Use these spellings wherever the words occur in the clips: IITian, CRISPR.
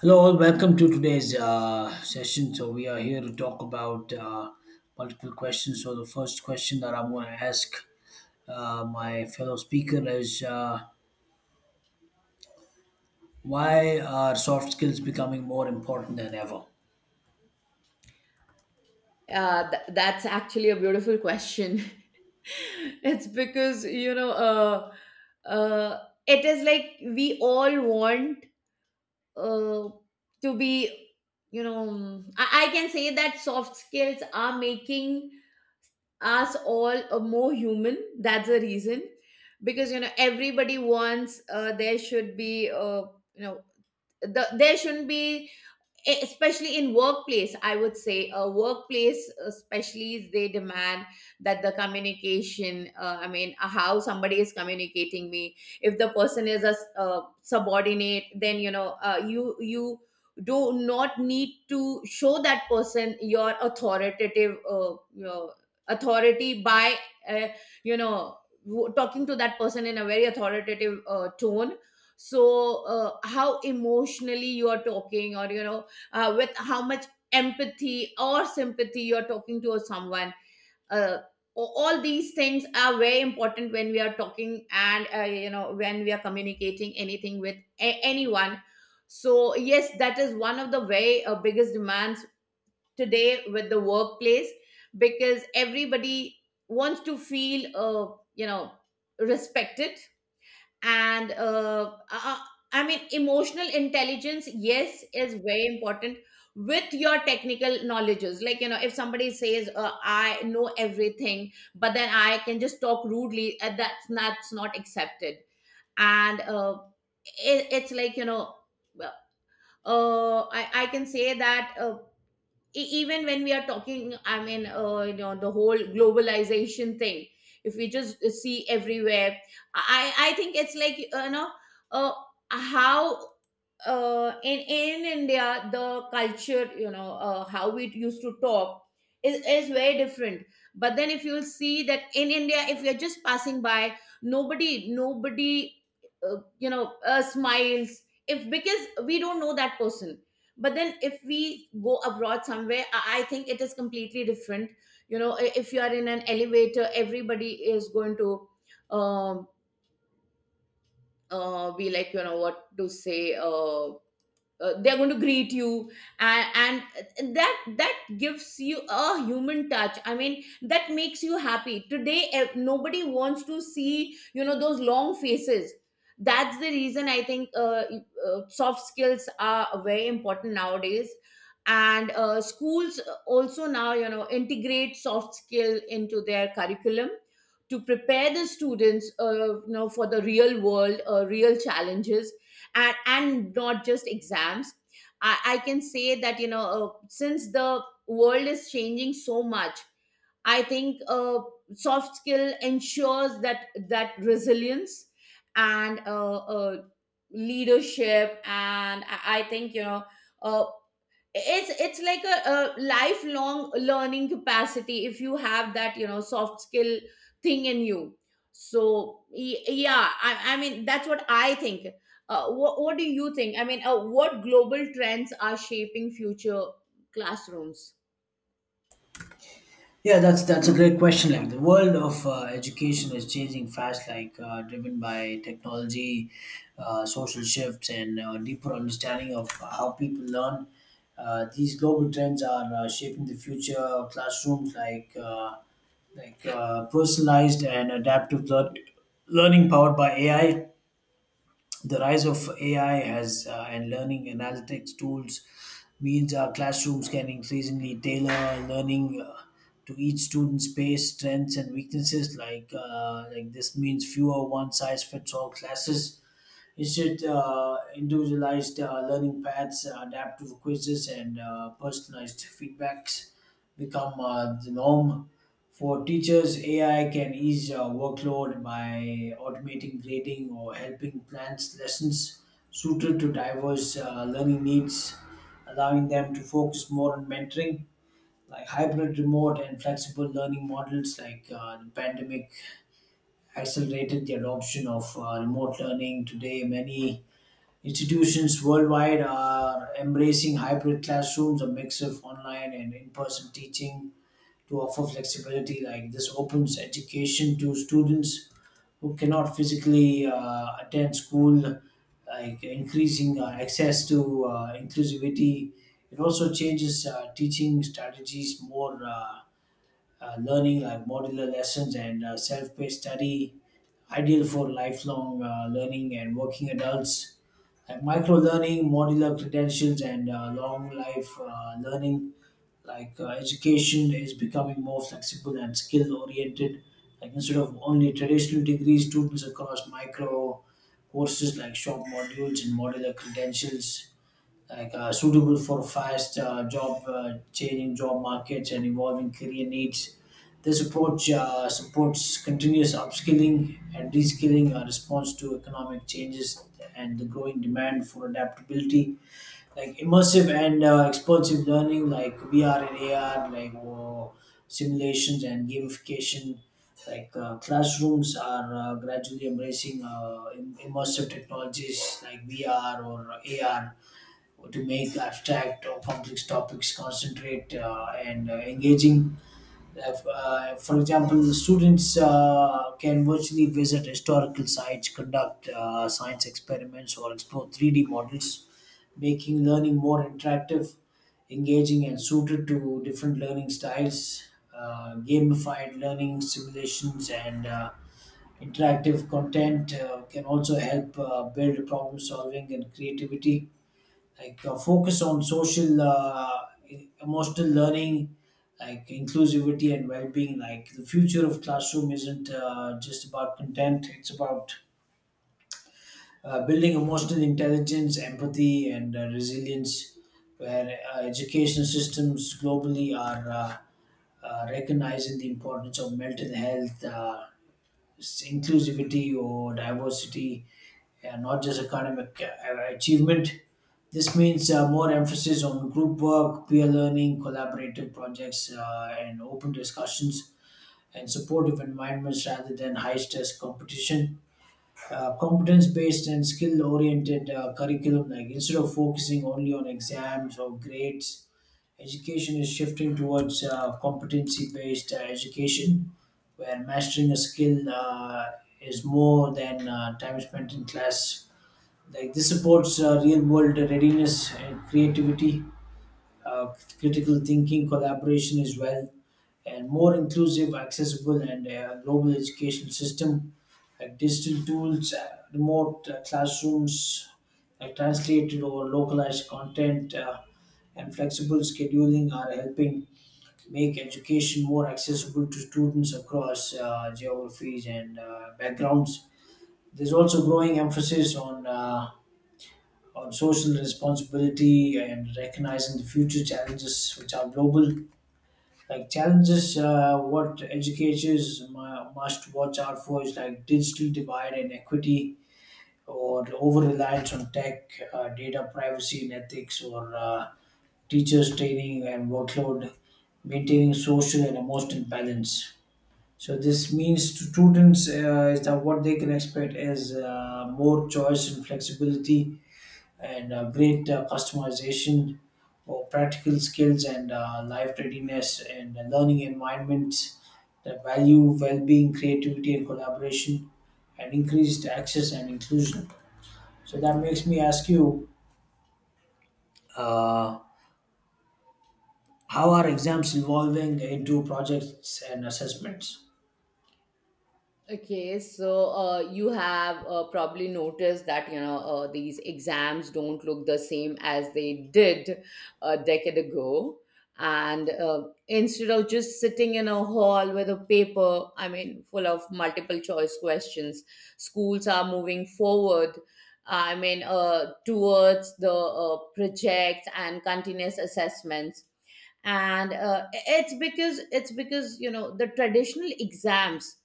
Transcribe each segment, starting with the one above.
Hello, all. Welcome to today's session. So we are here to talk about multiple questions. So the first question that I'm going to ask my fellow speaker is, why are soft skills becoming more important than ever? That's actually a beautiful question. It's because, you know, uh, it is like we all want uh, to be, you know, I can say that soft skills are making us all more human. That's the reason. Because, you know, everybody wants there should be, you know, there shouldn't be especially in workplace I would say a workplace especially they demand that the communication how somebody is communicating me if the person is a subordinate then you know you do not need to show that person your authoritative your authority by uh, you know talking to that person in a very authoritative tone so how emotionally you are talking or you know with how much empathy or sympathy you're talking to someone. Uh, a- all these things are very important when we are talking and you know when we are communicating anything with anyone. So yes, that is one of the very biggest demands today with the workplace because everybody wants to feel you know respected and I mean emotional intelligence yes is very important with your technical knowledges like you know if somebody says I know everything but then I can just talk rudely that's not accepted and it's like you know I can say that even when we are talking you know the whole globalization thing if we just see everywhere I think it's like uh, how in India, the culture, you know, how we used to talk is very different. But then, if you'll see that in India, if you're just passing by, nobody, smiles if because we don't know that person. But then, if we go abroad somewhere, I think it is completely different. You know, if you are in an elevator, everybody is going to um, be like, you know, what to say. They're going to greet you and, and that gives you a human touch. I mean that makes you happy today. Nobody wants to see you know those long faces. That's the reason I think soft skills are very important nowadays, and schools also now you know integrate soft skill into their curriculum to prepare the students you know for the real world real challenges, and not just exams. I can say that you know since the world is changing so much, I think soft skill ensures that resilience and leadership, and I think you know uh, it's like a lifelong learning capacity if you have that you know soft skill thing in you. So yeah, I mean that's what I think. What do you think? What global trends are shaping future classrooms? Yeah, that's a great question. Like the world of education is changing fast, like driven by technology, social shifts, and deeper understanding of how people learn. These global trends are shaping the future of classrooms, like personalized and adaptive learning powered by AI. The rise of AI has and learning analytics tools means our classrooms can increasingly tailor learning to each student's pace, strengths, and weaknesses. Like this means fewer one size fits all classes is it individualized learning paths, adaptive quizzes, and personalized feedbacks become the norm? For teachers, AI can ease workload by automating grading or helping plan lessons suited to diverse learning needs, allowing them to focus more on mentoring. Like hybrid, remote, and flexible learning models, like the pandemic accelerated the adoption of remote learning. Today, many institutions worldwide are embracing hybrid classrooms, a mix of online and in person teaching to offer flexibility. Like this opens education to students who cannot physically attend school, like increasing access to inclusivity. It also changes teaching strategies, more learning like modular lessons and self paced study, ideal for lifelong learning and working adults like micro learning, modular credentials, and long life learning. Like education is becoming more flexible and skill oriented. Like instead of only traditional degrees, students across micro courses like short modules and modular credentials like suitable for fast job changing job markets and evolving career needs. This approach supports continuous upskilling and reskilling, a response to economic changes and the growing demand for adaptability, like immersive and expansive learning like VR and AR, like simulations and gamification. Classrooms are gradually embracing immersive technologies like VR or AR to make abstract or complex topics concentrate and engaging. Uh, for example, the students can virtually visit historical sites, conduct science experiments, or explore 3D models, making learning more interactive, engaging, and suited to different learning styles. Gamified learning simulations and interactive content can also help build problem solving and creativity, like focus on social, emotional learning, like inclusivity and well-being. Like the future of classroom isn't just about content, it's about building emotional intelligence, empathy, and resilience, where education systems globally are recognizing the importance of mental health, inclusivity or diversity, and not just academic achievement. This means more emphasis on group work, peer learning, collaborative projects, and open discussions and supportive environments rather than high stress competition. Competence based and skill oriented curriculum, like instead of focusing only on exams or grades, education is shifting towards competency based education, where mastering a skill is more than time spent in class. Like this supports real world readiness and creativity, uh, critical thinking, collaboration as well, and more inclusive, accessible, and global education system, like digital tools, remote classrooms, like translated or localized content, and flexible scheduling are helping make education more accessible to students across geographies and backgrounds. There's also growing emphasis on on social responsibility and recognizing the future challenges which are global, like challenges what educators must watch out for is like digital divide and equity, or over reliance on tech, data privacy and ethics, or teachers training and workload, maintaining social and emotional balance. So this means to students is that what they can expect is more choice and flexibility and great customization, or practical skills and life readiness and learning environments that value well-being, creativity, and collaboration, and increased access and inclusion. So that makes me ask you, uh, how are exams evolving into projects and assessments? Okay, so you have probably noticed that you know these exams don't look the same as they did a decade ago, and instead of just sitting in a hall with a paper, I mean, full of multiple choice questions, schools are moving forward. I mean, towards the projects and continuous assessments, and it's because you know the traditional exams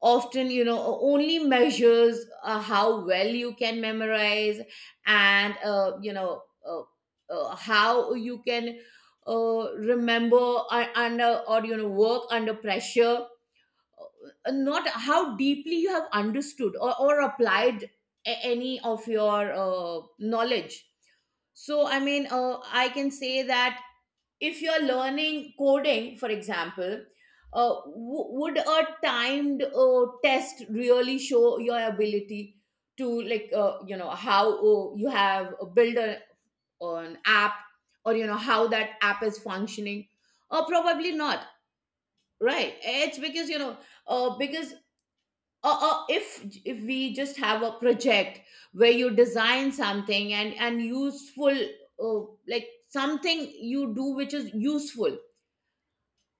often you know only measures how well you can memorize and how you can remember under or you know work under pressure, not how deeply you have understood or applied any of your knowledge. So I can say that if you're learning coding, for example, would a timed test really show your ability to, like, you know, how you have built an app, or, you know, how that app is functioning? Or probably not, right? It's because, you know, because if we just have a project where you design something and useful, uh, like something you do which is useful.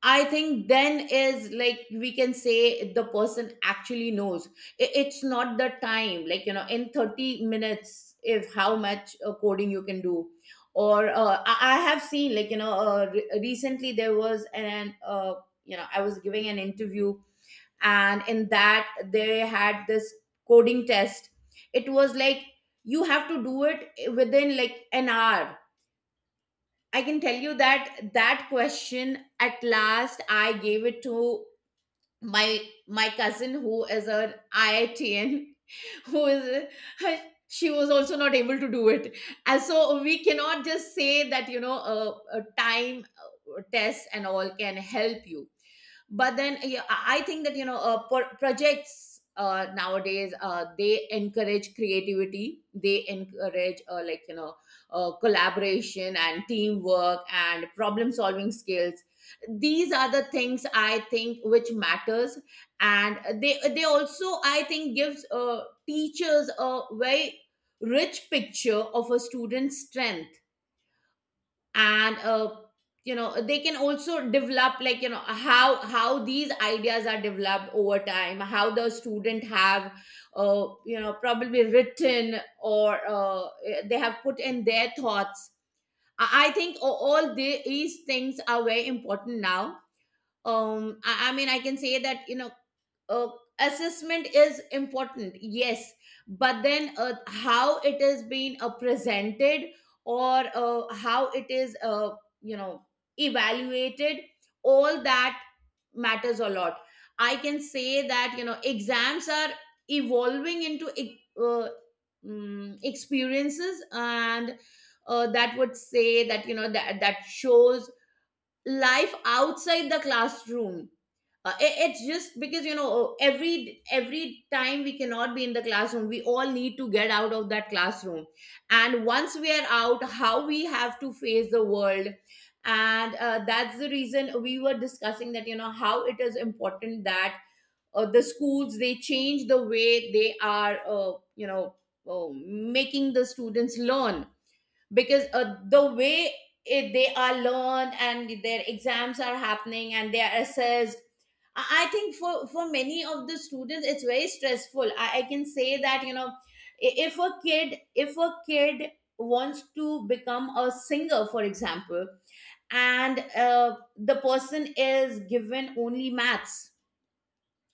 I think then is like we can say the person actually knows. It's not the time, like, you know, in 30 minutes, if how much coding you can do. Or I have seen, like, you know, recently there was you know, I was giving an interview, and in that they had this coding test. It was like you have to do it within like an hour. I can tell you that that question at last I gave it to my my cousin who is an IITian who is, she was also not able to do it. And so we cannot just say that you know a time test and all can help you. But then yeah, I think that you know projects nowadays they encourage creativity, they encourage like you know collaboration and teamwork and problem solving skills. These are the things I think which matters, and they also I think gives teachers a very rich picture of a student's strength, and you know they can also develop like you know how these ideas are developed over time, how the student have you know probably written or they have put in their thoughts. I think all these things are very important now. I mean I can say that you know uh, assessment is important, yes, but then how it is being presented or how it is you know evaluated, all that matters a lot. I can say that you know exams are evolving into experiences, and that would say that you know that shows life outside the classroom. It's just because you know every time we cannot be in the classroom, we all need to get out of that classroom. And once we are out, how we have to face the world. And that's the reason we were discussing that you know how it is important that the schools they change the way they are uh, making the students learn. Because the way they are learned and their exams are happening and they are assessed, I think for many of the students it's very stressful. I can say that you know i- if a kid if a kid wants to become a singer for example, and uh, the person is given only maths,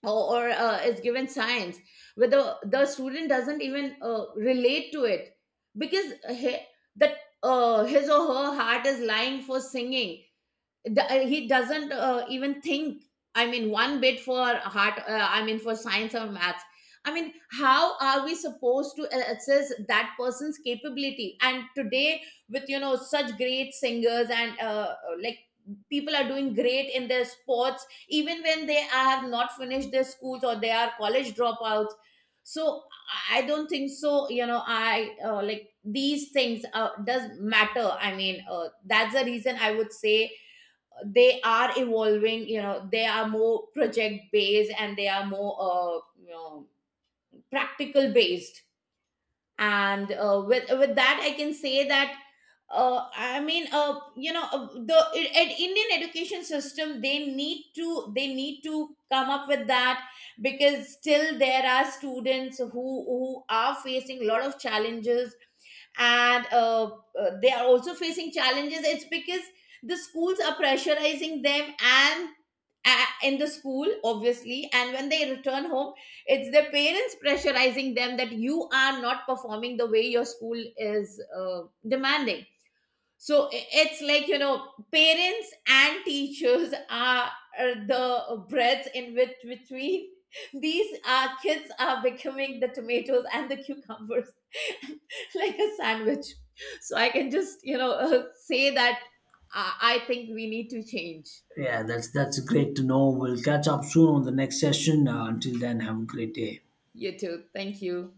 or is given science where the student doesn't even relate to it, because he, that his or her heart is lying for singing. He doesn't even think I mean one bit for heart, I mean for science or maths. I mean how are we supposed to assess that person's capability? And today with you know such great singers and like people are doing great in their sports even when they have not finished their schools or they are college dropouts. So I don't think so, you know, I like these things does matter. That's the reason I would say they are evolving, you know they are more project based and they are more you know practical based. And with that I can say that the Indian education system, they need to come up with that, because still there are students who are facing a lot of challenges. And they are also facing challenges. It's because the schools are pressurizing them, and in the school obviously, and when they return home, it's their parents pressurizing them that you are not performing the way your school is demanding. So it's like you know parents and teachers are the breads in which between these kids are becoming the tomatoes and the cucumbers like a sandwich. So I can just you know say that I think we need to change. Yeah, that's great to know. We'll catch up soon on the next session. Until then, have a great day. You too, thank you.